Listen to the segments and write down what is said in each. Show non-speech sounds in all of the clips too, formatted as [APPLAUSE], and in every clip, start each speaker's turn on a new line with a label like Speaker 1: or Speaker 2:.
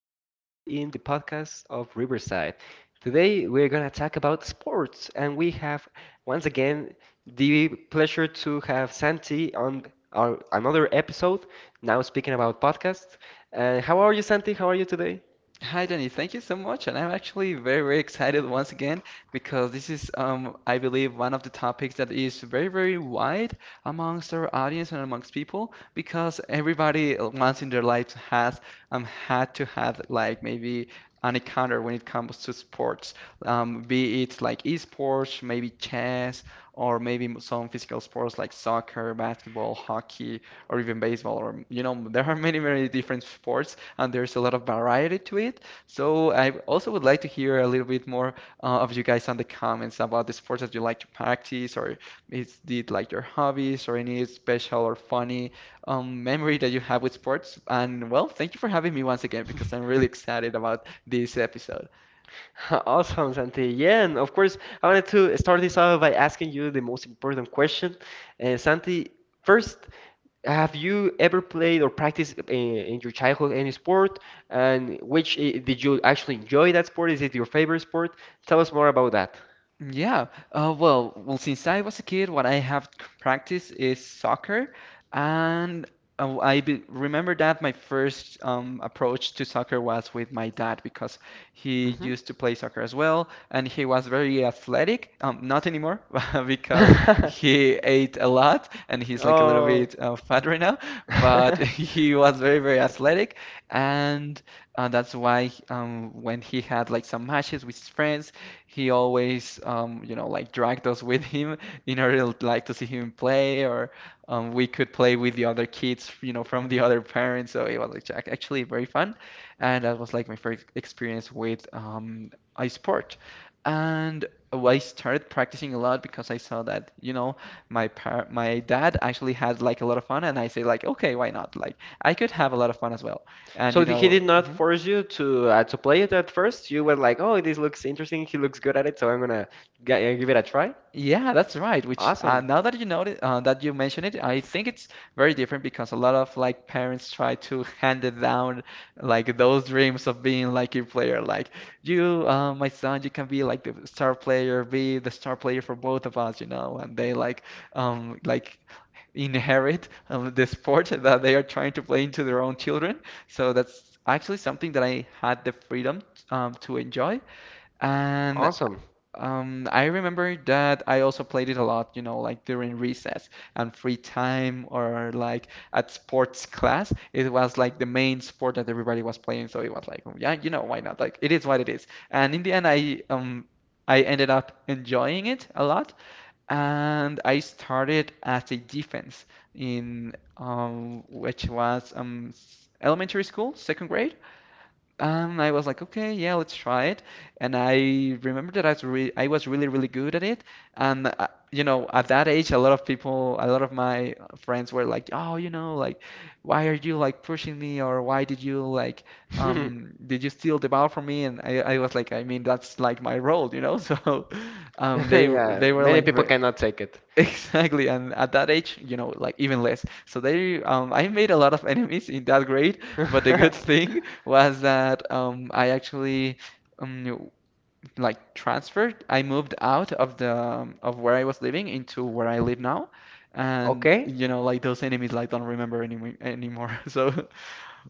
Speaker 1: episode in the podcast of Riverside. Today, we're going to talk about sports, and we have once again the pleasure to have Santi on another episode, now speaking about podcasts. And how are you, Santi? How are you today?
Speaker 2: Hi, Danny. Thank you so much. And I'm actually very, very excited once again because this is, I believe, one of the topics that is very, very wide amongst our audience and amongst people because everybody once in their lives has had to have like maybe an encounter when it comes to sports, be it like esports, maybe chess, or maybe some physical sports like soccer, basketball, hockey, or even baseball, or you know, there are many, many different sports and there's a lot of variety to it. So I also would like to hear a little bit more of you guys on the comments about the sports that you like to practice, or is it like your hobbies, or any special or funny memory that you have with sports. And well, thank you for having me once again because I'm really excited about this episode.
Speaker 1: [LAUGHS] Awesome, Santi. Yeah, and of course, I wanted to start this off by asking you the most important question. Santi, first, have you ever played or practiced in your childhood any sport? And which did you actually enjoy that sport? Is it your favorite sport? Tell us more about that.
Speaker 2: Yeah. Well, since I was a kid, what I have practiced is soccer, and I be remember that my first approach to soccer was with my dad because he
Speaker 1: Hmm.
Speaker 2: used to play soccer as well, and he was very athletic. Not anymore [LAUGHS] because
Speaker 1: [LAUGHS]
Speaker 2: he ate a lot, and he's like a little
Speaker 1: Oh.
Speaker 2: bit fat right now. But [LAUGHS] he
Speaker 1: [LAUGHS]
Speaker 2: was very, very athletic, and that's why when he had like some matches with his friends he always, you know, like dragged us with him [LAUGHS] in order to like to see him play, or we could play with the other kids, you know, from the [LAUGHS] other parents. So it was like actually very fun, and that was like my first experience with iSport. And well, I started practicing a lot because I saw that, you know, my dad actually had like a lot of fun, and I say like, okay, why not? Like I could have a lot of fun as well, and
Speaker 1: So
Speaker 2: you
Speaker 1: did- he
Speaker 2: know.
Speaker 1: did not force you to play it at first? You were like, "Oh, this looks interesting. He looks good at it, so I'm gonna give it a try."
Speaker 2: Yeah, that's right. Which
Speaker 1: Awesome.
Speaker 2: now that you notice that you mention it, I think it's very different because a lot of like parents try to [LAUGHS] hand it down like those dreams of being like a player. Like you, my son, you can be like the star player, be the star player for both of us, you know. And they like inherit the sport [LAUGHS] that they are trying to play into their own children. So that's actually something that I had the freedom to enjoy. And
Speaker 1: Awesome.
Speaker 2: I remember that I also played it a lot, you know, like during recess and free time or like at sports class. It was like the main sport that everybody was playing, so it was like, "Oh, yeah, you know, why not? Like it is what it is." And in the end, I ended up enjoying it a lot, and I started as a defense in elementary school, second grade. I was like, okay, yeah, let's try it. And I remember that I was really, really good at it. And you know, at that age, a lot of people, a lot of my friends were like, oh, you know, like, why are you like pushing me, or why did you like,
Speaker 1: [LAUGHS]
Speaker 2: did you steal the ball from me? And I was like, I mean, that's like my role, you know. [LAUGHS] So, um, they
Speaker 1: Yeah,
Speaker 2: they were
Speaker 1: many
Speaker 2: like,
Speaker 1: people cannot take it.
Speaker 2: [LAUGHS] exactly, and at that age, you know, like even less. So they, I made a lot of enemies in that grade, but the good [LAUGHS] thing was that I actually um, like transferred. I moved out of the of where I was living into where I live now,
Speaker 1: [LAUGHS]
Speaker 2: and
Speaker 1: Okay?
Speaker 2: you know, like those enemies, like don't remember anymore. [LAUGHS] So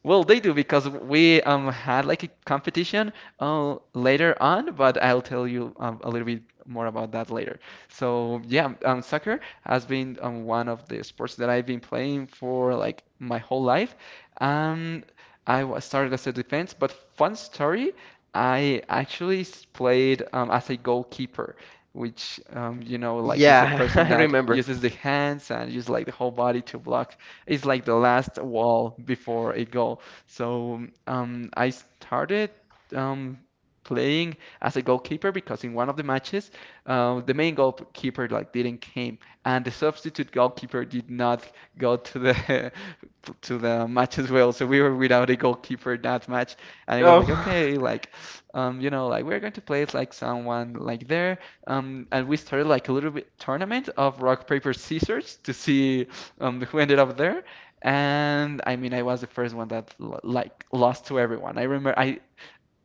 Speaker 2: well, they do because we had like a competition later on, but I'll tell you a little bit more about that later. So yeah, soccer has been one of the sports that I've been playing for like my whole life. Um, I was started as a defense, but fun story, I actually played as a goalkeeper. Which you know, like is the
Speaker 1: Yeah, [LAUGHS]
Speaker 2: person
Speaker 1: I
Speaker 2: that
Speaker 1: remember.
Speaker 2: uses the hands and uses like the whole body to block it's like the last wall before a goal. So I started um, playing as a goalkeeper because in one of the matches, the main goalkeeper like didn't came, and the substitute goalkeeper did not go to the [LAUGHS] to the match as well. So we were without a goalkeeper that match, and it was like
Speaker 1: Oh.
Speaker 2: okay, like you know, like we're going to play it like someone like there, and we started like a little bit tournament of rock paper scissors to see [LAUGHS] who ended up there. And I mean, I was the first one that like lost to everyone. I remember I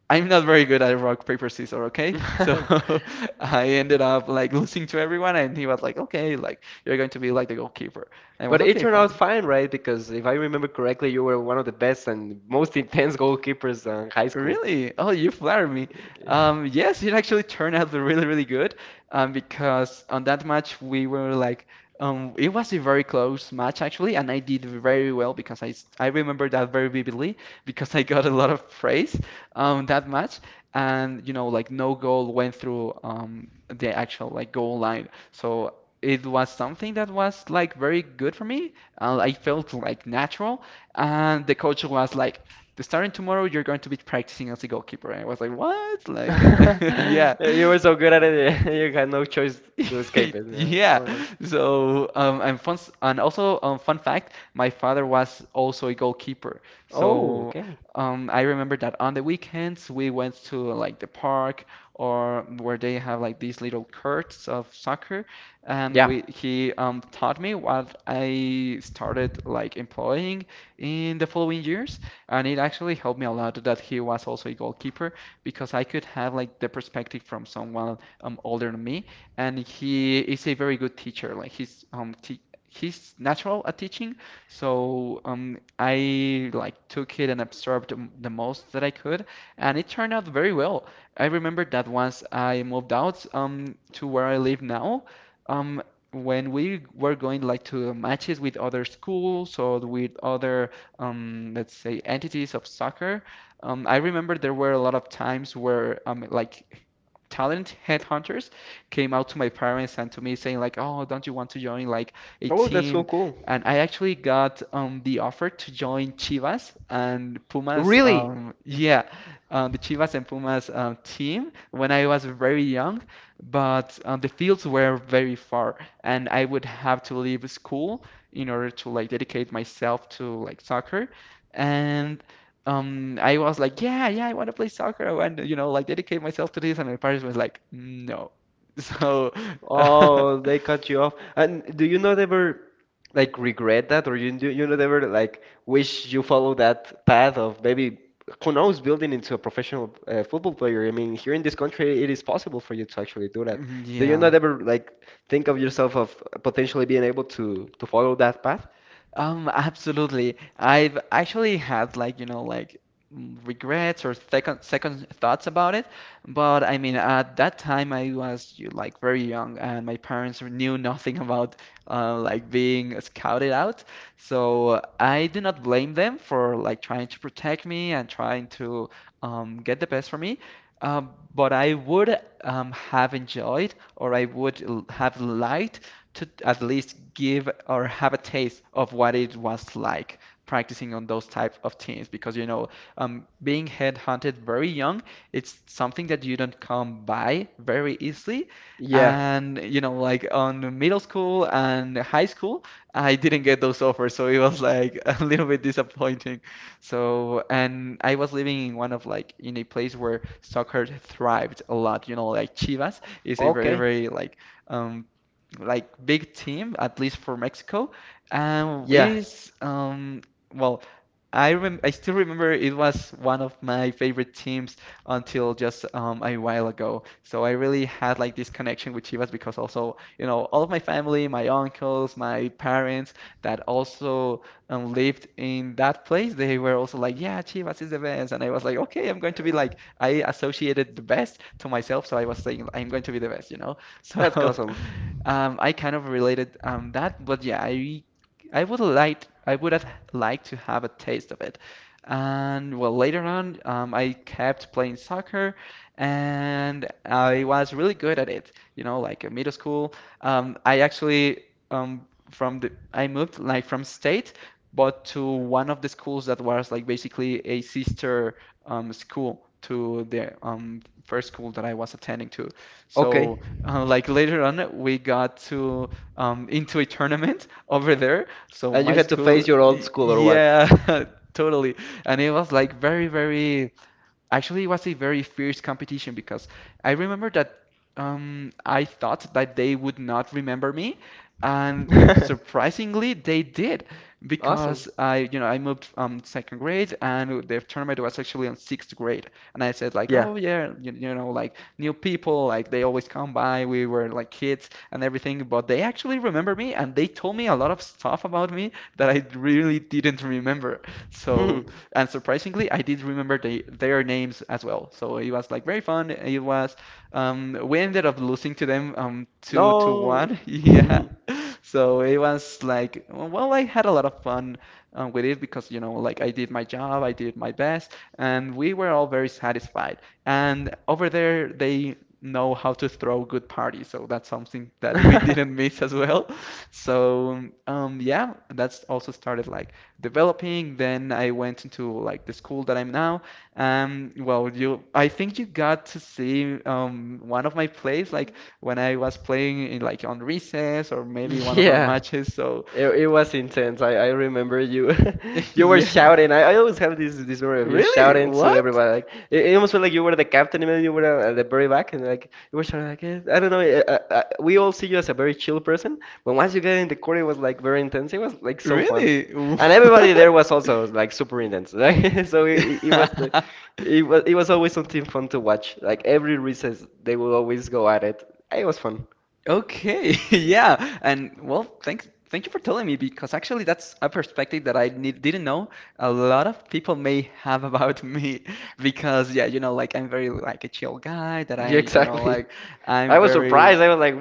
Speaker 2: I'm not very good at rock paper scissors, okay? So
Speaker 1: [LAUGHS]
Speaker 2: [LAUGHS] I ended up like losing to everyone, and he was like, okay, like you're going to be like the goalkeeper. And I was
Speaker 1: But it
Speaker 2: okay,
Speaker 1: turned out
Speaker 2: fine.
Speaker 1: fine, right? Because if I remember correctly, you were one of the best and most [LAUGHS] intense goalkeepers in high school.
Speaker 2: Really? Oh, you flatter me. Yes, it actually turned out really, really good. Because on that match we were like, it was a very close match actually, and I did very well because I remember that very vividly because I got a lot of praise that match, and you know like no goal went through the actual like goal line, so. It was something that was like very good for me. I felt like natural, and the coach was like, starting tomorrow, you're going to be practicing as a goalkeeper. And I was like, what? Like, [LAUGHS] yeah.
Speaker 1: [LAUGHS] You were so good at it, [LAUGHS] you had no choice to escape it.
Speaker 2: [LAUGHS]
Speaker 1: Yeah.
Speaker 2: Yeah.
Speaker 1: Oh no.
Speaker 2: So, and also, fun fact, my father was also a goalkeeper.
Speaker 1: Oh,
Speaker 2: So,
Speaker 1: okay.
Speaker 2: I remember that on the weekends we went to like the park or where they have like these little courts of soccer, and
Speaker 1: Yeah.
Speaker 2: we he taught me what I started like employing in the following years, and it actually helped me a lot that he was also a goalkeeper because I could have like the perspective from someone older than me and he is a very good teacher. Like he's natural at teaching, so I like took it and absorbed the most that I could, and it turned out very well. I remember that once I moved out to where I live now, um when we were going like to matches with other schools or with other let's say entities of soccer, I remember there were a lot of times where like talent headhunters came out to my parents and to me saying like, "Oh, don't you want to join like a
Speaker 1: Oh, that's so
Speaker 2: team?"
Speaker 1: cool.
Speaker 2: And I actually got the offer to join Chivas and Pumas.
Speaker 1: Really?
Speaker 2: Yeah, the Chivas and Pumas team when I was very young, but the fields were very far, and I would have to leave school in order to like dedicate myself to like soccer and I was like yeah yeah I want to play soccer I want to you know like dedicate myself to this and my parents was like no. [LAUGHS] So,
Speaker 1: Oh, they cut you off. And do you not ever like regret that, or you do you not ever like wish you follow that path of maybe who knows building into a professional football player? I mean, here in this country, it is possible for you to actually do that.
Speaker 2: [LAUGHS]
Speaker 1: Do you
Speaker 2: yeah.
Speaker 1: not ever like think of yourself of potentially being able to follow that path?
Speaker 2: Absolutely. I've actually had like, you know, like mm, regrets or second thoughts about it, but I mean, at that time I was like very young and my parents knew nothing about like being scouted out. So, I do not blame them for like trying to protect me and trying to get the best for me. But I would have enjoyed or I would l- have liked to at least give or have a taste of what it was like practicing on those type of teams because you know being headhunted very young it's something that you don't come by very easily
Speaker 1: Yeah.
Speaker 2: and you know like on middle school and high school I didn't get those offers so it was like [LAUGHS] a little bit disappointing so and I was living in one of like in a place where soccer thrived a lot you know like Chivas is a very
Speaker 1: Okay.
Speaker 2: very like um like big team, at least for Mexico. It
Speaker 1: Yeah.
Speaker 2: is well, I still remember it was one of my favorite teams until just a while ago. So I really had like this connection with Chivas because also, you know, all of my family, my uncles, my parents that also lived in that place, they were also like, yeah, Chivas is the best. And I was like, okay, I'm going to be
Speaker 1: Uh,
Speaker 2: like, I associated the best to myself, so I was saying I'm going to be the best, you know? [LAUGHS]
Speaker 1: that's
Speaker 2: So
Speaker 1: awesome.
Speaker 2: I kind of related that, but yeah, I would have liked to have a taste of it. And well, later on, I kept playing soccer, and I was really good at it. You know, like in middle school, I actually from the I moved like from state, but to one of the schools that was like basically a sister school to the first school that I was attending to.
Speaker 1: Okay.
Speaker 2: So like later on, we got to into a tournament [LAUGHS] over there. So
Speaker 1: And you
Speaker 2: my
Speaker 1: had to
Speaker 2: school,
Speaker 1: face your old school or what?
Speaker 2: yeah, [LAUGHS] totally. And it was like very, very. Actually, it was a very fierce competition because I remember that I thought that they would not remember me, and
Speaker 1: [LAUGHS]
Speaker 2: surprisingly, they did
Speaker 1: Awesome.
Speaker 2: because I moved second grade, and the tournament was actually on sixth grade. And I said like,
Speaker 1: Yeah.
Speaker 2: oh yeah, like new people, like they always come by, we were like kids and everything, but they actually remember me, and they told me a lot of stuff about me that I really didn't remember. So,
Speaker 1: [LAUGHS]
Speaker 2: and surprisingly, I did remember their names as well. So it was like very fun. It was we ended up losing to them two to
Speaker 1: No.
Speaker 2: one. [LAUGHS] Yeah. So it was like, well, I had a lot of fun with it because like I did my job, I did my best, and we were all very satisfied. And over there, they know how to throw good parties, so that's something that we [LAUGHS]
Speaker 1: [LAUGHS] [LAUGHS]
Speaker 2: didn't miss as well. [LAUGHS] So, yeah, that's also started like developing. Then I went into like the school that I'm now. Well, I think you got to see one of my plays, like when I was playing in like on recess or maybe one of our
Speaker 1: Yeah.
Speaker 2: matches. So
Speaker 1: It was intense. I remember you [LAUGHS]
Speaker 2: [LAUGHS]
Speaker 1: you were
Speaker 2: yeah,
Speaker 1: shouting. I always have this memory of you
Speaker 2: really?
Speaker 1: shouting to
Speaker 2: What?
Speaker 1: everybody. Like it almost felt like you were the captain, even though you were at the very back, and like you were shouting. Like I don't know. We all see you as a very chill person, but once you get in the court, it was like very intense. It was like so fun,
Speaker 2: Really?
Speaker 1: and everybody
Speaker 2: [LAUGHS]
Speaker 1: there was also like super intense. [LAUGHS] Like so it was like,
Speaker 2: What? [LAUGHS]
Speaker 1: it was always something fun to watch. Like every recess, they would always go at it. It was fun.
Speaker 2: Okay, [LAUGHS] yeah, and well, thank you for telling me, because actually that's a perspective that I need, didn't know a lot of people may have about me. [LAUGHS] Because yeah, like I'm very like a chill guy that
Speaker 1: [LAUGHS] Yeah,
Speaker 2: I,
Speaker 1: exactly.
Speaker 2: like I'm
Speaker 1: I was
Speaker 2: very,
Speaker 1: surprised. I was like,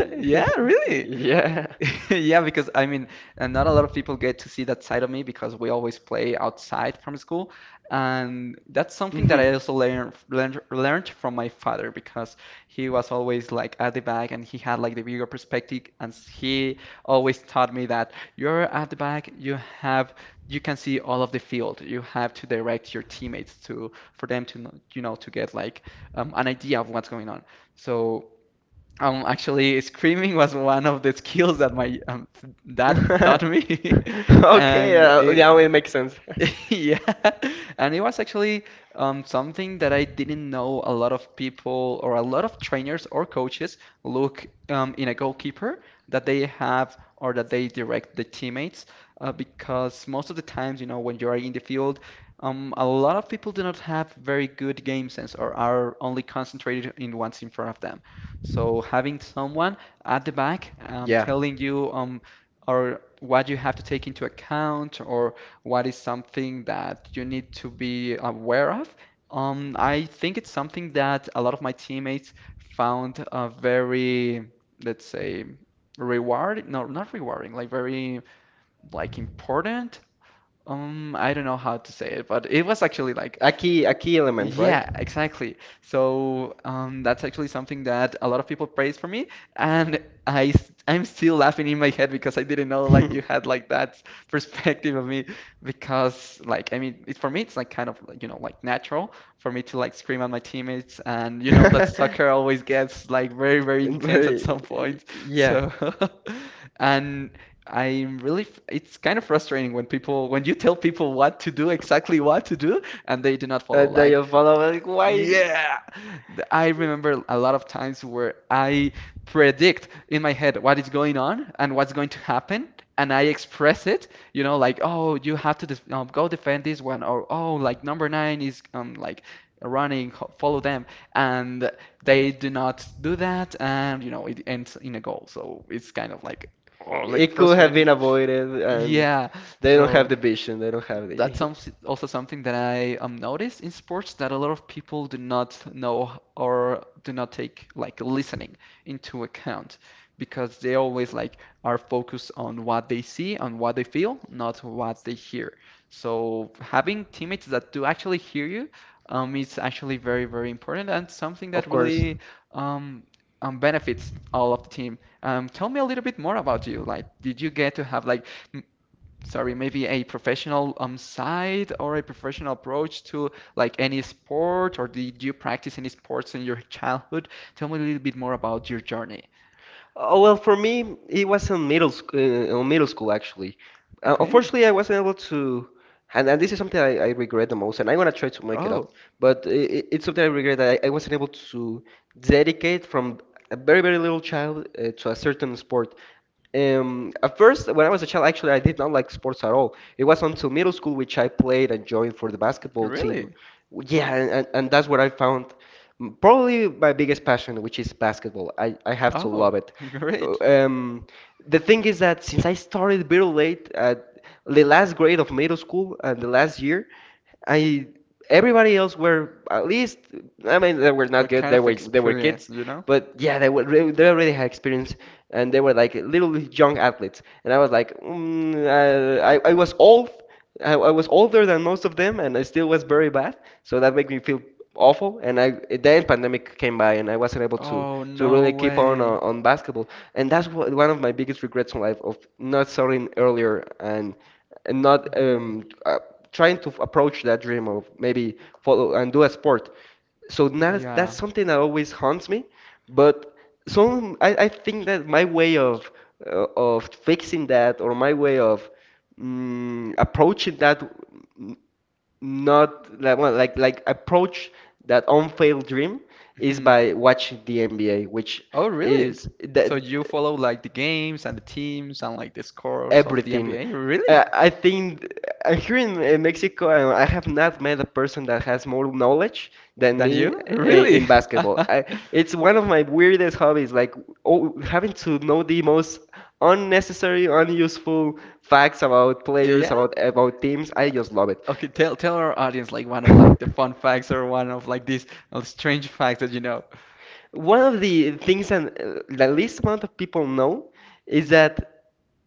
Speaker 2: yeah,
Speaker 1: [LAUGHS]
Speaker 2: really.
Speaker 1: Yeah.
Speaker 2: [LAUGHS] Yeah, because I mean, and not a lot of people get to see that side of me because we always play outside from school, and that's something that
Speaker 1: Hmm.
Speaker 2: I also learned from my father because he was always like at the back and he had like the bigger perspective, and he always taught me that you're at the back, you can see all of the field, you have to direct your teammates to, for them to know, to get like an idea of what's going on. So. Actually, screaming was one of the skills that my dad taught
Speaker 1: [LAUGHS]
Speaker 2: me, [LAUGHS]
Speaker 1: Okay,
Speaker 2: and it,
Speaker 1: yeah, it makes sense. [LAUGHS]
Speaker 2: [LAUGHS] yeah, and it was actually something that I didn't know a lot of people or a lot of trainers or coaches look in a goalkeeper, that they have or that they direct the teammates, because most of the times when you are in the field, a lot of people do not have very good game sense or are only concentrated in what's in front of them. So having someone at the back
Speaker 1: Yeah.
Speaker 2: telling you or what you have to take into account, or what is something that you need to be aware of? I think it's something that a lot of my teammates found, very, let's say, rewarding. No, not rewarding. Like very, like important. I don't know how to say it, but it was actually like,
Speaker 1: A key element, right?
Speaker 2: yeah, exactly. So that's actually something that a lot of people praise for me, and I'm still laughing in my head because I didn't know like you had
Speaker 1: [LAUGHS]
Speaker 2: like that perspective of me. Because like I mean it, for me it's like kind of like, like natural for me to like scream at my teammates, and you know that soccer always gets like very, very intense at
Speaker 1: Very,
Speaker 2: some point.
Speaker 1: yeah.
Speaker 2: So [LAUGHS] and I'm really it's kind of frustrating when people when you tell people what to do, exactly what to do, and they do not follow.
Speaker 1: That they
Speaker 2: Like,
Speaker 1: are follow like why
Speaker 2: yeah, I remember a lot of times where I predict in my head what is going on and what's going to happen, and I express it, like, oh, you have to def go defend this one, or oh, like number nine is like running, follow them, and they do not do that, and it ends in a goal. So it's kind of like, oh, like
Speaker 1: it could have
Speaker 2: frustrating.
Speaker 1: been avoided, and
Speaker 2: Yeah,
Speaker 1: they don't have
Speaker 2: so
Speaker 1: the vision. They don't have
Speaker 2: that's
Speaker 1: the,
Speaker 2: also something that I noticed in sports, that a lot of people do not know or do not take like listening into account, because they always like are focused on what they see, on what they feel, not what they hear. So having teammates that do actually hear you is actually very, very important and something
Speaker 1: [LAUGHS]
Speaker 2: that
Speaker 1: of course.
Speaker 2: really um, benefits all of the team. Tell me a little bit more about you. Like, did you get to have like, sorry, maybe a professional side, or a professional approach to like any sport, or did you practice any sports in your childhood? Tell me a little bit more about your journey.
Speaker 1: Oh, well, for me, it was in middle sc- on middle school actually.
Speaker 2: Okay.
Speaker 1: Unfortunately, I wasn't able to, and this is something I regret the most, and I'm gonna try to make it up.
Speaker 2: Oh,
Speaker 1: But it's something I regret that I wasn't able to dedicate from a very very little child to a certain sport. At first, when I was a child, actually, I did not like sports at all. It was until middle school which I played and joined for the basketball team.
Speaker 2: really?
Speaker 1: Yeah, and that's where I found probably my biggest passion, which is basketball. I have to
Speaker 2: Oh,
Speaker 1: love it.
Speaker 2: [LAUGHS] great.
Speaker 1: Um, the thing is that since I started very late at the last grade of middle school and the last year, I everybody else were at least I mean they were not
Speaker 2: That
Speaker 1: good
Speaker 2: kind of
Speaker 1: they were kids
Speaker 2: experience, you know?
Speaker 1: but yeah they were they already had experience and they were like little young athletes and I was like I was old I was older than most of them and I still was very bad so that made me feel awful and I then pandemic came by and I wasn't able
Speaker 2: Oh,
Speaker 1: to
Speaker 2: no
Speaker 1: really keep on on,
Speaker 2: way.
Speaker 1: on basketball and that's one of my biggest regrets in life of not starting earlier and and not
Speaker 2: Hmm.
Speaker 1: um, uh, trying to approach that dream of maybe follow and do a sport. So that's
Speaker 2: Yeah.
Speaker 1: something that always haunts me. But some I think that my way of fixing that or my way of approaching that n- not like well, like approach that unfailed dream is
Speaker 2: Hmm.
Speaker 1: by watching the NBA, which
Speaker 2: Oh, really?
Speaker 1: is
Speaker 2: So
Speaker 1: that
Speaker 2: you follow like the games and the teams and like the scores of the
Speaker 1: everything.
Speaker 2: NBA? Really?
Speaker 1: I think here in Mexico, I have not met a person that has more knowledge than
Speaker 2: Than
Speaker 1: me
Speaker 2: you? Really?
Speaker 1: in
Speaker 2: [LAUGHS]
Speaker 1: basketball. It's one of my weirdest hobbies, like oh, having to know the most unnecessary, unuseful facts about players,
Speaker 2: Yeah.
Speaker 1: about teams. I just love it.
Speaker 2: Okay, tell our audience like one of like the fun
Speaker 1: [LAUGHS]
Speaker 2: facts, or one of like these strange facts that you know.
Speaker 1: One of the things that the least amount of people know is that.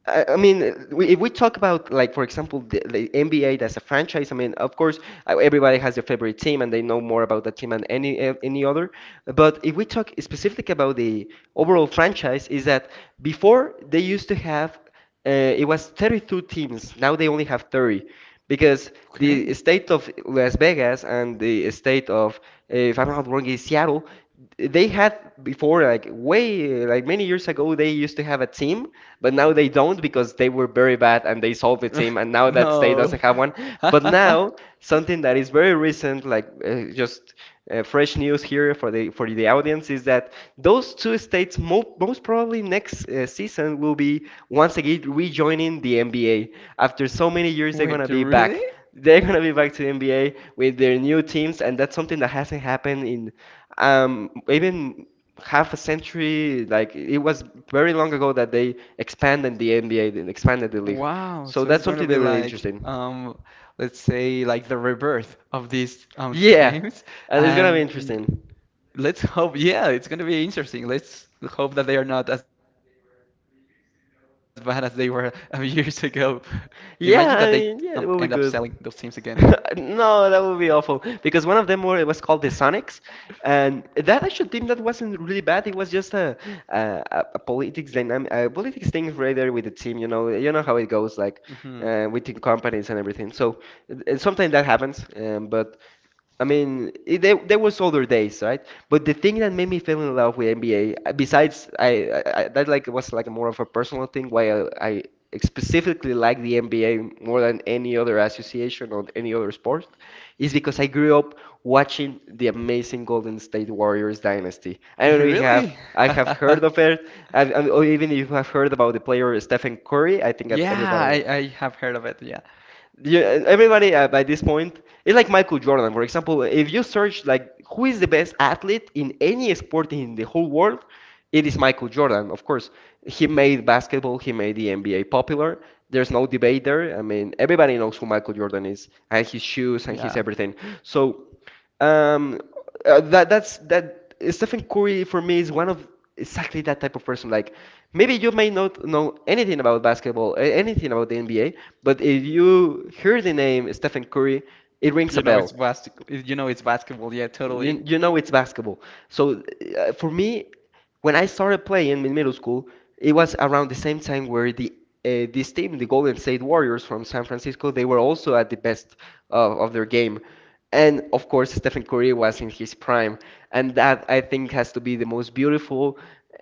Speaker 1: If we talk about like, for example, the NBA as a franchise, I mean, of course, everybody has their favorite team and they know more about that team than any other. But if we talk specifically about the overall franchise, is that before they used to have it was 32 teams. Now they only have 30 because
Speaker 2: Okay.
Speaker 1: the state of Las Vegas and the state of, if I'm not wrong, is Seattle. They had before, like way, like many years ago, they used to have a team, but now they don't because they were very bad and they solved the team,
Speaker 2: [LAUGHS]
Speaker 1: and now that state
Speaker 2: No.
Speaker 1: doesn't have one. But now,
Speaker 2: [LAUGHS]
Speaker 1: something that is very recent, like just fresh news here for the audience is that those two states most probably next season will be once again rejoining the NBA. After so many years, they're
Speaker 2: Wait,
Speaker 1: gonna be
Speaker 2: really?
Speaker 1: back. [LAUGHS] They're gonna be back to the NBA with their new teams, and that's something that hasn't happened in even half a century. Like it was very long ago that they expanded the NBA, and expanded the league.
Speaker 2: Wow,
Speaker 1: So
Speaker 2: so it's
Speaker 1: that's
Speaker 2: going to
Speaker 1: something
Speaker 2: be
Speaker 1: that really
Speaker 2: like,
Speaker 1: interesting.
Speaker 2: let's say like the rebirth of these [LAUGHS]
Speaker 1: Yeah,
Speaker 2: teams,
Speaker 1: and it's gonna be
Speaker 2: and
Speaker 1: interesting.
Speaker 2: let's hope, yeah, it's going to be interesting. Let's hope that they are not as bad as they were [LAUGHS] years ago. Imagine that they end up selling those
Speaker 1: Yeah,
Speaker 2: teams
Speaker 1: I
Speaker 2: again.
Speaker 1: mean, yeah, it would be good. [LAUGHS] No, that would be awful because one of them were it was called the Sonics, and that actual team that wasn't really bad. It was just a, a politics dynamic, a politics thing rather with the team. You know how it goes, like
Speaker 2: Hmm. [LAUGHS]
Speaker 1: within companies and everything. So sometimes that happens, but I mean, it, there was other days, right? But the thing that made me fall in love with NBA, besides I- that like was like more of a personal thing, why I specifically like the NBA more than any other association or any other sport, is because I grew up watching the amazing Golden State Warriors dynasty. I don't know if you have
Speaker 2: Really?
Speaker 1: I have
Speaker 2: [LAUGHS]
Speaker 1: heard of it, I've, I or even if you have heard about the player Stephen Curry. I think that
Speaker 2: Yeah,
Speaker 1: everybody
Speaker 2: I have heard of it. Yeah.
Speaker 1: you, everybody by this point it's like Michael Jordan, for example. If you search like who is the best athlete in any sport in the whole world, it is Michael Jordan. Of course, he made basketball, he made the NBA popular. There's no debate there. I mean, everybody knows who Michael Jordan is and his shoes
Speaker 2: Yeah.
Speaker 1: and his everything. So. Um, that that Stephen Curry for me is one of exactly that type of person. Like maybe you may not know anything about basketball, anything about the NBA, but if you hear the name Stephen Curry, it rings a
Speaker 2: You know it's
Speaker 1: bell.
Speaker 2: basketball. You know it's basketball. Yeah,
Speaker 1: You,
Speaker 2: totally.
Speaker 1: you know it's basketball. So for me, when I started playing in middle school, it was around the same time where the this team, the Golden State Warriors from San Francisco, they were also at the best of their game. And of course, Stephen Curry was in his prime. And that I think has to be the most beautiful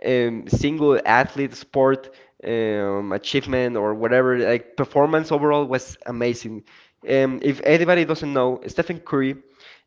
Speaker 1: single athlete sport achievement or whatever. Like performance overall was amazing. If anybody doesn't know, Stephen Curry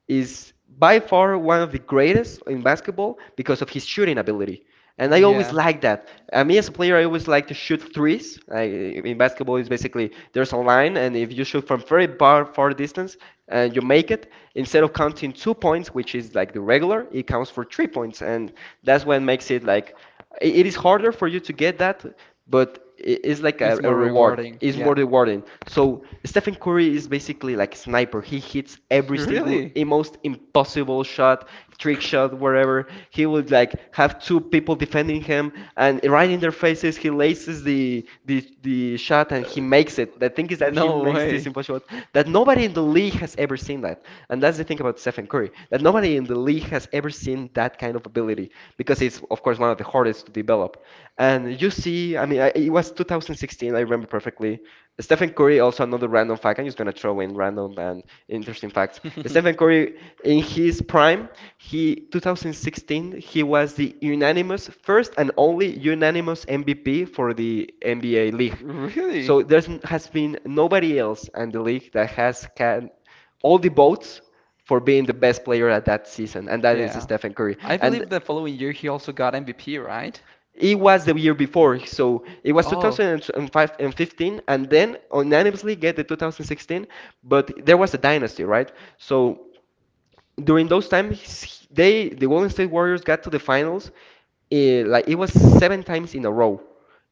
Speaker 1: is by far one of the greatest in basketball because of his shooting ability. And I always
Speaker 2: Yeah.
Speaker 1: like that. Me as a player, I always like to shoot threes. In basketball, it's basically there's a line, and if you shoot from very far, far distance and you make it, instead of counting 2 points, which is like the regular, it counts for 3 points, and that's what makes it like it is harder for you to get that, but it's like
Speaker 2: It's
Speaker 1: a
Speaker 2: more
Speaker 1: reward.
Speaker 2: rewarding.
Speaker 1: It's
Speaker 2: Yeah.
Speaker 1: more rewarding. So Stephen Curry is basically like a sniper. He hits
Speaker 2: [LAUGHS]
Speaker 1: every single
Speaker 2: Really?
Speaker 1: most impossible shot, trick shot, wherever. He would like have two people defending him, and right in their faces, he laces the shot, and he
Speaker 2: Uh,
Speaker 1: makes it. The thing is that he
Speaker 2: no
Speaker 1: makes this
Speaker 2: way.
Speaker 1: impossible that nobody in the league has ever seen that, and that's the thing about Stephen Curry, that nobody in the league has ever seen that kind of ability because it's of course, one of the hardest to develop. And you see, I mean, it was 2016, I remember perfectly. Stephen Curry, also another random fact. I'm just gonna throw in random and interesting facts. Stephen
Speaker 2: [LAUGHS]
Speaker 1: Curry, in his prime, he 2016, he was the unanimous first and only unanimous MVP for the NBA league. So
Speaker 2: Really?
Speaker 1: there has been nobody else in the league that has can all the votes for being the best player at that season, and that is
Speaker 2: Yeah.
Speaker 1: Stephen Curry.
Speaker 2: I
Speaker 1: And
Speaker 2: believe the following year he also got MVP, right?
Speaker 1: it was the year before, so it was
Speaker 2: Oh,
Speaker 1: 2005 and 15, and then unanimously get the 2016. But there was a dynasty, right? So during those times, they the Golden State Warriors got to the finals. Eh, like it was seven times in a row.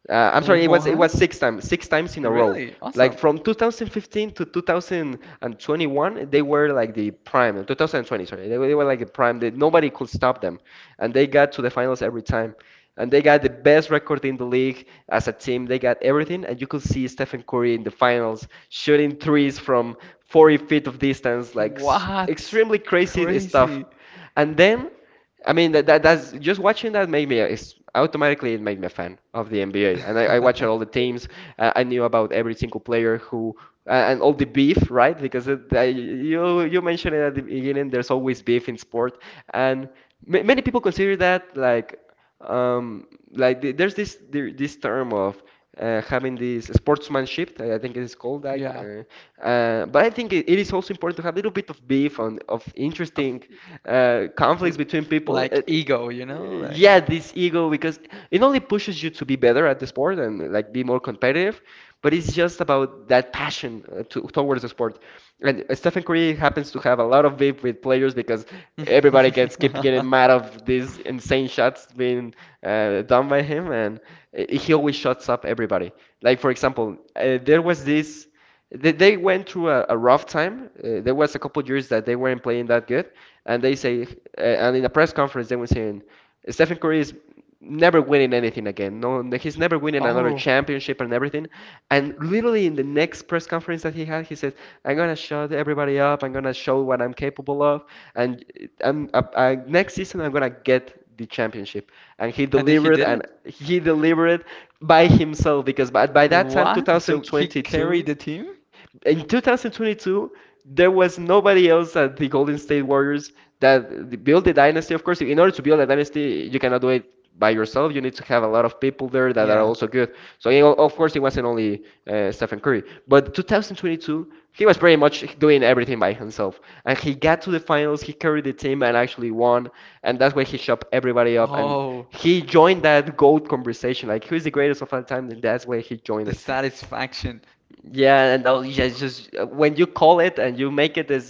Speaker 1: I'm sorry, it was
Speaker 2: what?
Speaker 1: six times in a row.
Speaker 2: Really?
Speaker 1: Like
Speaker 2: Awesome.
Speaker 1: from 2015 to 2021, they were like the prime. 2020, sorry, they were like the prime. They, nobody could stop them, and they got to the finals every time. And they got the best record in the league as a team. They got everything, and you could see Stephen Curry in the finals shooting threes from 40 feet of distance,
Speaker 2: [LAUGHS]
Speaker 1: like
Speaker 2: What?
Speaker 1: extremely crazy stuff.
Speaker 2: Crazy.
Speaker 1: And then, I mean, that's just watching that made me it's automatically it made me a fan of the NBA. And I watched all the
Speaker 2: [LAUGHS]
Speaker 1: teams. I knew about every single player who and all the beef, right? Because it, I, you mentioned it at the beginning. There's always beef in sport, and ma many people consider that um, like the, there's this there, this term of having this sportsmanship. I think it is called that.
Speaker 2: Yeah.
Speaker 1: But I think it, it is also important to have a little bit of beef on of
Speaker 2: Of,
Speaker 1: interesting conflicts
Speaker 2: L-
Speaker 1: between people.
Speaker 2: like ego, you know, like.
Speaker 1: Yeah, this ego because it only pushes you to be better at the sport and like be more competitive, but it's just about that passion to towards the sport. And Stephen Curry happens to have a lot of beef with players because everybody gets keep getting mad
Speaker 2: [LAUGHS]
Speaker 1: of these insane shots being done by him, and he always shuts up everybody. Like for example, there was this. They went through a rough time. There was a couple of years that they weren't playing that good, and they say, and in a press conference they were saying, Stephen Curry is never winning anything again. No, he's never winning another
Speaker 2: Oh,
Speaker 1: championship and everything. And literally in the next press conference that he had, he says, "I'm gonna shut everybody up. I'm gonna show what I'm capable of. And I'm, next season, I'm gonna get." The championship, and he
Speaker 2: and then he
Speaker 1: delivered,
Speaker 2: did
Speaker 1: and
Speaker 2: it.
Speaker 1: he delivered by himself because by that time
Speaker 2: What? So he
Speaker 1: 2022,
Speaker 2: carried the team?
Speaker 1: in 2022, there was nobody else at the Golden State Warriors that built the dynasty. Of course, in order to build a dynasty, you cannot do it by yourself. You need to have a lot of people there that are
Speaker 2: Yeah.
Speaker 1: also good. So, you know, of course, it wasn't only Stephen Curry. But 2022, he was pretty much doing everything by himself. And he got to the finals, he carried the team and actually won. And that's why he shot everybody up. And
Speaker 2: Oh,
Speaker 1: he joined that GOAT conversation. Like, who's the greatest of all time? And that's why he joined
Speaker 2: the
Speaker 1: it.
Speaker 2: satisfaction.
Speaker 1: Yeah, and yeah, it's just when you call it and you make it is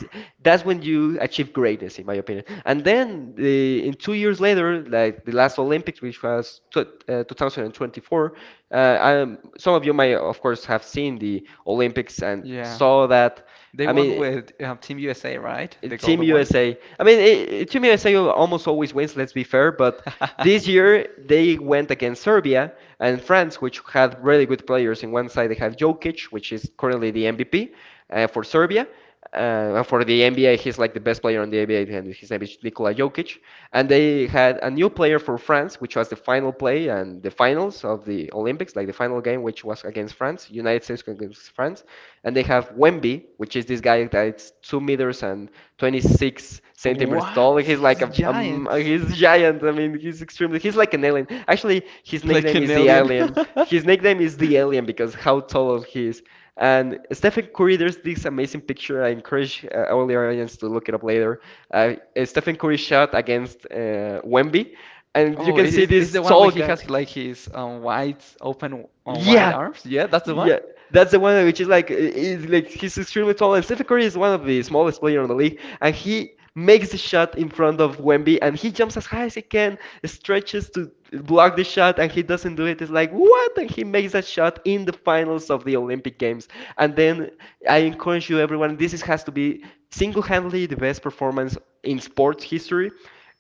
Speaker 1: that's when you achieve greatness, in my opinion. And then the, in 2 years later, like the last Olympics, which was tw 2024, some of you may, of course, have seen the Olympics and
Speaker 2: Yeah.
Speaker 1: saw that.
Speaker 2: They
Speaker 1: I
Speaker 2: won
Speaker 1: mean.
Speaker 2: with Team USA, right? The
Speaker 1: Team
Speaker 2: golden one.
Speaker 1: USA. I mean, it, Team USA almost always wins, let's be fair, but this
Speaker 2: [LAUGHS]
Speaker 1: year they went against Serbia and France, which had really good players. In one side, they have Jokic, which is currently the MVP for Serbia. For the NBA, he's like the best player on the NBA, and his name is Nikola Jokic. And they had a new player for France, which was the final play and the finals of the Olympics, like the final game, which was against France, United States versus France. And they have Wemby, which is this guy that's 2 meters and 26 centimeters tall.
Speaker 2: What?
Speaker 1: He's
Speaker 2: He's
Speaker 1: like
Speaker 2: a giant.
Speaker 1: he's giant. I mean, he's extremely, he's like an alien. Actually, his
Speaker 2: Like
Speaker 1: nickname
Speaker 2: an
Speaker 1: is the
Speaker 2: alien.
Speaker 1: alien. His
Speaker 2: [LAUGHS]
Speaker 1: nickname is the alien because how tall he is. And Stephen Curry, there's this amazing picture. I encourage all the audience to look it up later. Uh, Stephen Curry shot against Wemby, and you
Speaker 2: Oh,
Speaker 1: can
Speaker 2: it
Speaker 1: see
Speaker 2: is it's
Speaker 1: this
Speaker 2: the one where
Speaker 1: tall
Speaker 2: he
Speaker 1: guy.
Speaker 2: has like his wide open, wide
Speaker 1: Yeah,
Speaker 2: arms. Yeah, that's the one.
Speaker 1: yeah, that's the one, which is like he's extremely tall, and Stephen Curry is one of the smallest player in the league, and he makes the shot in front of Wemby, and he jumps as high as he can, stretches to block the shot, and he doesn't do it. It's like what? And he makes that shot in the finals of the Olympic Games, and then I encourage you, everyone. This is, has to be single-handedly the best performance in sports history,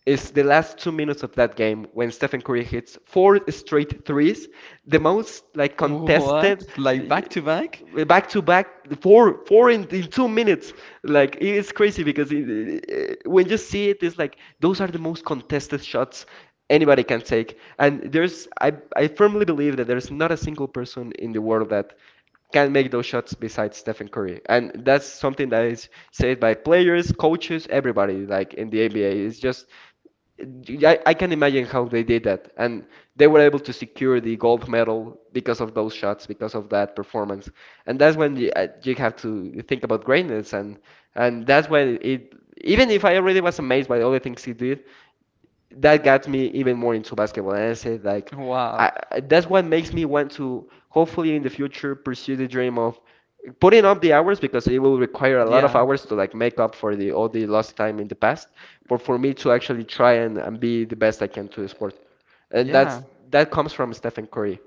Speaker 1: is the last 2 minutes of that game when Stephen Curry hits four straight threes, the most like
Speaker 2: [LAUGHS] What?
Speaker 1: contested
Speaker 2: Like back to back?
Speaker 1: back to back, four four in 2 minutes. Like it's crazy because it, when you see it, it's like those are the most contested shots anybody can take. And there's I firmly believe that there's not a single person in the world that can make those shots besides Stephen Curry. And that's something that is said by players, coaches, everybody, like in the NBA. It's just I can imagine how they did that. And they were able to secure the gold medal because of those shots, because of that performance. And that's when you, you have to think about greatness. And that's when it, even if I already was amazed by all the things he did, that got me even more into basketball. And I said, like,
Speaker 2: Wow.
Speaker 1: that's what makes me want to hopefully in the future pursue the dream of putting up the hours because it will require a lot of
Speaker 2: Yeah.
Speaker 1: hours to like make up for the all the lost time in the past, but for me to actually try and be the best I can to the sport. And
Speaker 2: Yeah.
Speaker 1: that's that comes from Stephen Curry.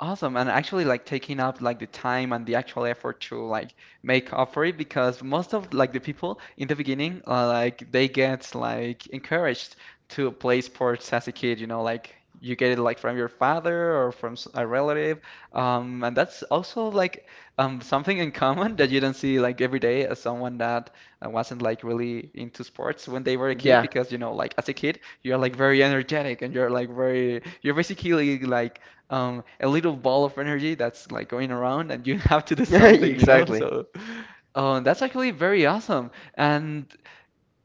Speaker 2: Awesome, and actually like taking up like the time and the actual effort to like make up for it, because most of like the people in the beginning, like they get like encouraged to play sports as a kid, you know, like you get it like from your father or from a relative, and that's also like something in common [LAUGHS] that you don't see like every day, as someone that wasn't like really into sports when they were a kid.
Speaker 1: Yeah. [LAUGHS]
Speaker 2: Because like as a kid, you're like very energetic, and you're like very, you're basically like a little ball of energy that's like going around, and you [LAUGHS] have to do something, you know?
Speaker 1: Exactly.
Speaker 2: So, that's actually very awesome. And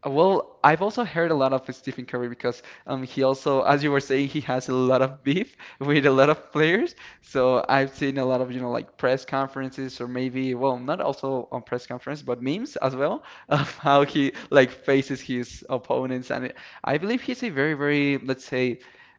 Speaker 2: well, I've also heard a lot of Stephen Curry, because he also, as you were saying, he has a lot of beef [LAUGHS] with a lot of players. So I've seen a lot of, like press conferences, or maybe, well, not also on press conference, but memes as well, [LAUGHS] of how he like faces his opponents. And I believe he's a very, very, let's say,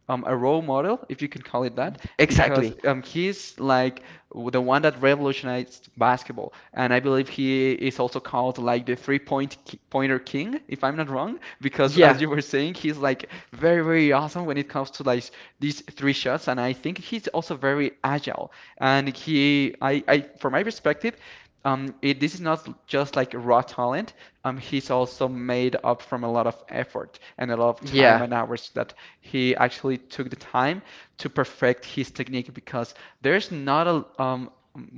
Speaker 2: a role model, if you can call it that, because
Speaker 1: Exactly.
Speaker 2: he's like the one that revolutionized basketball. And I believe he is also called like the 3-point pointer king, if I'm not wrong, because as
Speaker 1: Yeah.
Speaker 2: you were saying, he's like very, very awesome when it comes to like these three shots. And I think he's also very agile. And I, from my perspective, this is not just like raw talent. He's also made up from a lot of effort and a lot of time
Speaker 1: Yeah.
Speaker 2: and hours that he actually took the time to perfect his technique because there's not a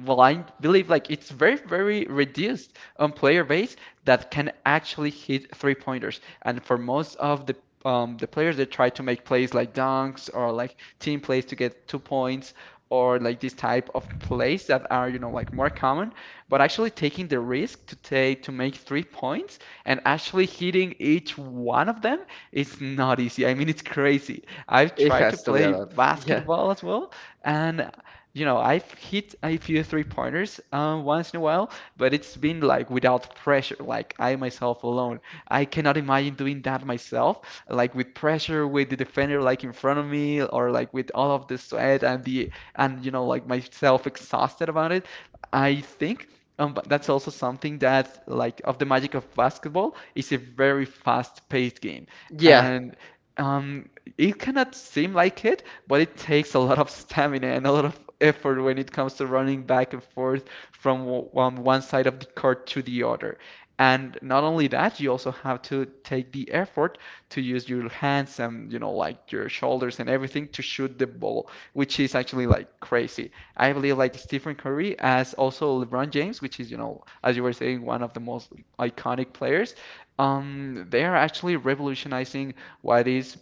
Speaker 2: well, I believe like it's very reduced player base that can actually hit three pointers. And for most of the players that try to make plays like dunks or like team plays to get 2 points, or like this type of plays that are, you know, like more common, but actually taking the risk to take to make 3 points and actually hitting each one of them is not easy. I mean, it's crazy. I've
Speaker 1: It
Speaker 2: tried to
Speaker 1: has to be a
Speaker 2: play
Speaker 1: lot. Yeah.
Speaker 2: basketball as well, and you know, I've hit a few three pointers once in a while, but it's been like without pressure, like I myself alone. I cannot imagine doing that myself, like with pressure, with the defender like in front of me, or like with all of the sweat and the and you know, like myself exhausted about it. I think But that's also something that, like, of the magic of basketball, is a very fast-paced game,
Speaker 1: Yeah.
Speaker 2: and um, it cannot seem like it, but it takes a lot of stamina and a lot of effort when it comes to running back and forth from one side of the court to the other. And not only that, you also have to take the effort to use your hands and, you know, like your shoulders and everything to shoot the ball, which is actually like crazy. I believe like Stephen Curry as also LeBron James, which is, you know, as you were saying, one of the most iconic players. They are actually revolutionizing what is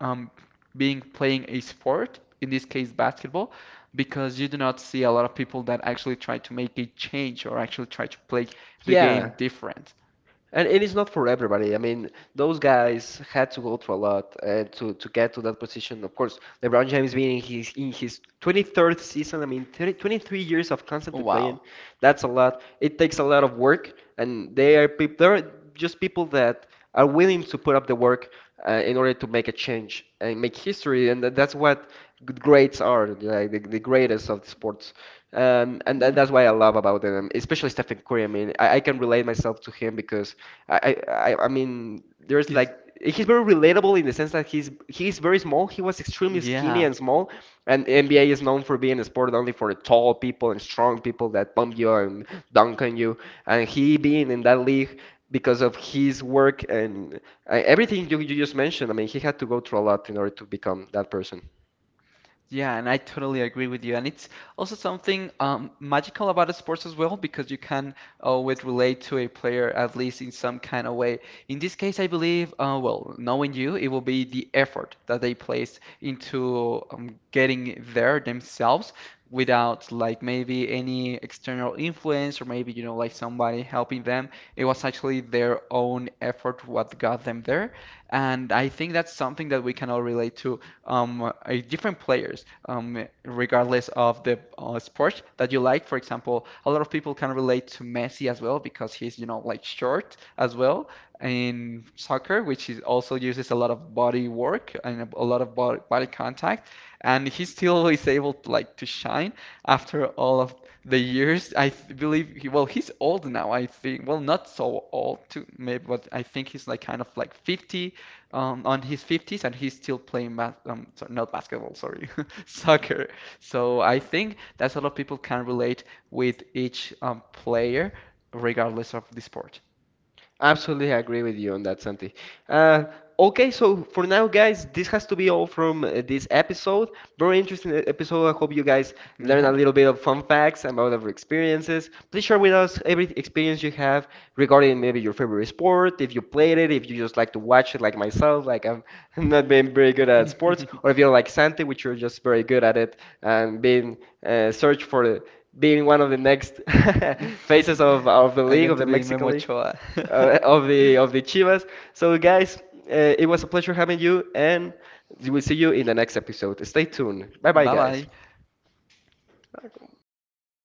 Speaker 2: um, being playing a sport, in this case basketball, because you do not see a lot of people that actually try to make a change or actually try to play the
Speaker 1: Yeah.
Speaker 2: game different.
Speaker 1: And it is not for everybody. I mean, those guys had to go through a lot to get to that position. Of course, LeBron James being in his 23rd season. I mean, 30, 23 years of constantly playing.
Speaker 2: Wow.
Speaker 1: That's a lot. It takes a lot of work, and they are peop there are just people that are willing to put up the work in order to make a change and make history. And that's what good grades are, like the greatest of the sports. And that,
Speaker 2: Hmm.
Speaker 1: that's what I love about them, especially Stephen Curry. I mean, I can relate myself to him because I mean, there's like
Speaker 2: Is
Speaker 1: he's very relatable in the sense that he's very small. He was extremely skinny
Speaker 2: Yeah.
Speaker 1: and small, and NBA is known for being a sport only for tall people and strong people that pump you and dunk on you. And he being in that league because of his work and everything you just mentioned. I mean, he had to go through a lot in order to become that person.
Speaker 2: Yeah, and I totally agree with you. And it's also something magical about sports as well, because you can always relate to a player, at least in some kind of way. In this case, I believe, well, knowing you, it will be the effort that they place into getting there themselves without, like, maybe any external influence or maybe, you know, like somebody helping them. It was actually their own effort what got them there. And I think that's something that we can all relate to um, uh, different players, regardless of the sport that you like. For example, a lot of people can relate to Messi as well because he's, you know, like short as well in soccer, which is also uses a lot of body work and a lot of body contact. And he still is able to, like to shine after all of the years. Believe he, well, he's old now, I think. Well, not so old too, maybe, but I think he's like kind of like 50, on his 50s, and he's still playing bas so not basketball, sorry, [LAUGHS] soccer. So I think that's a lot of people can relate with each player, regardless of the sport.
Speaker 1: Absolutely agree with you on that, Santi. Uh, okay, so for now, guys, this has to be all from this episode. Very interesting episode. I hope you guys learn a
Speaker 2: Yeah.
Speaker 1: little bit of fun facts about our experiences. Please share with us every experience you have regarding maybe your favorite sport, if you played it, if you just like to watch it, like myself, like I'm [LAUGHS] not being very good at sports,
Speaker 2: [LAUGHS]
Speaker 1: or if you're like Santi, which you're just very good at it and being search for being one of the next [LAUGHS] faces of the
Speaker 2: I'm
Speaker 1: league,
Speaker 2: going
Speaker 1: of
Speaker 2: to
Speaker 1: the
Speaker 2: be Memo
Speaker 1: Mexican league
Speaker 2: Ochoa. [LAUGHS]
Speaker 1: of the Chivas. So guys, it was a pleasure having you, and we'll see you in the next episode. Stay tuned. Bye bye,
Speaker 2: Bye
Speaker 1: guys.
Speaker 2: bye.
Speaker 1: ¿Qué ha sido?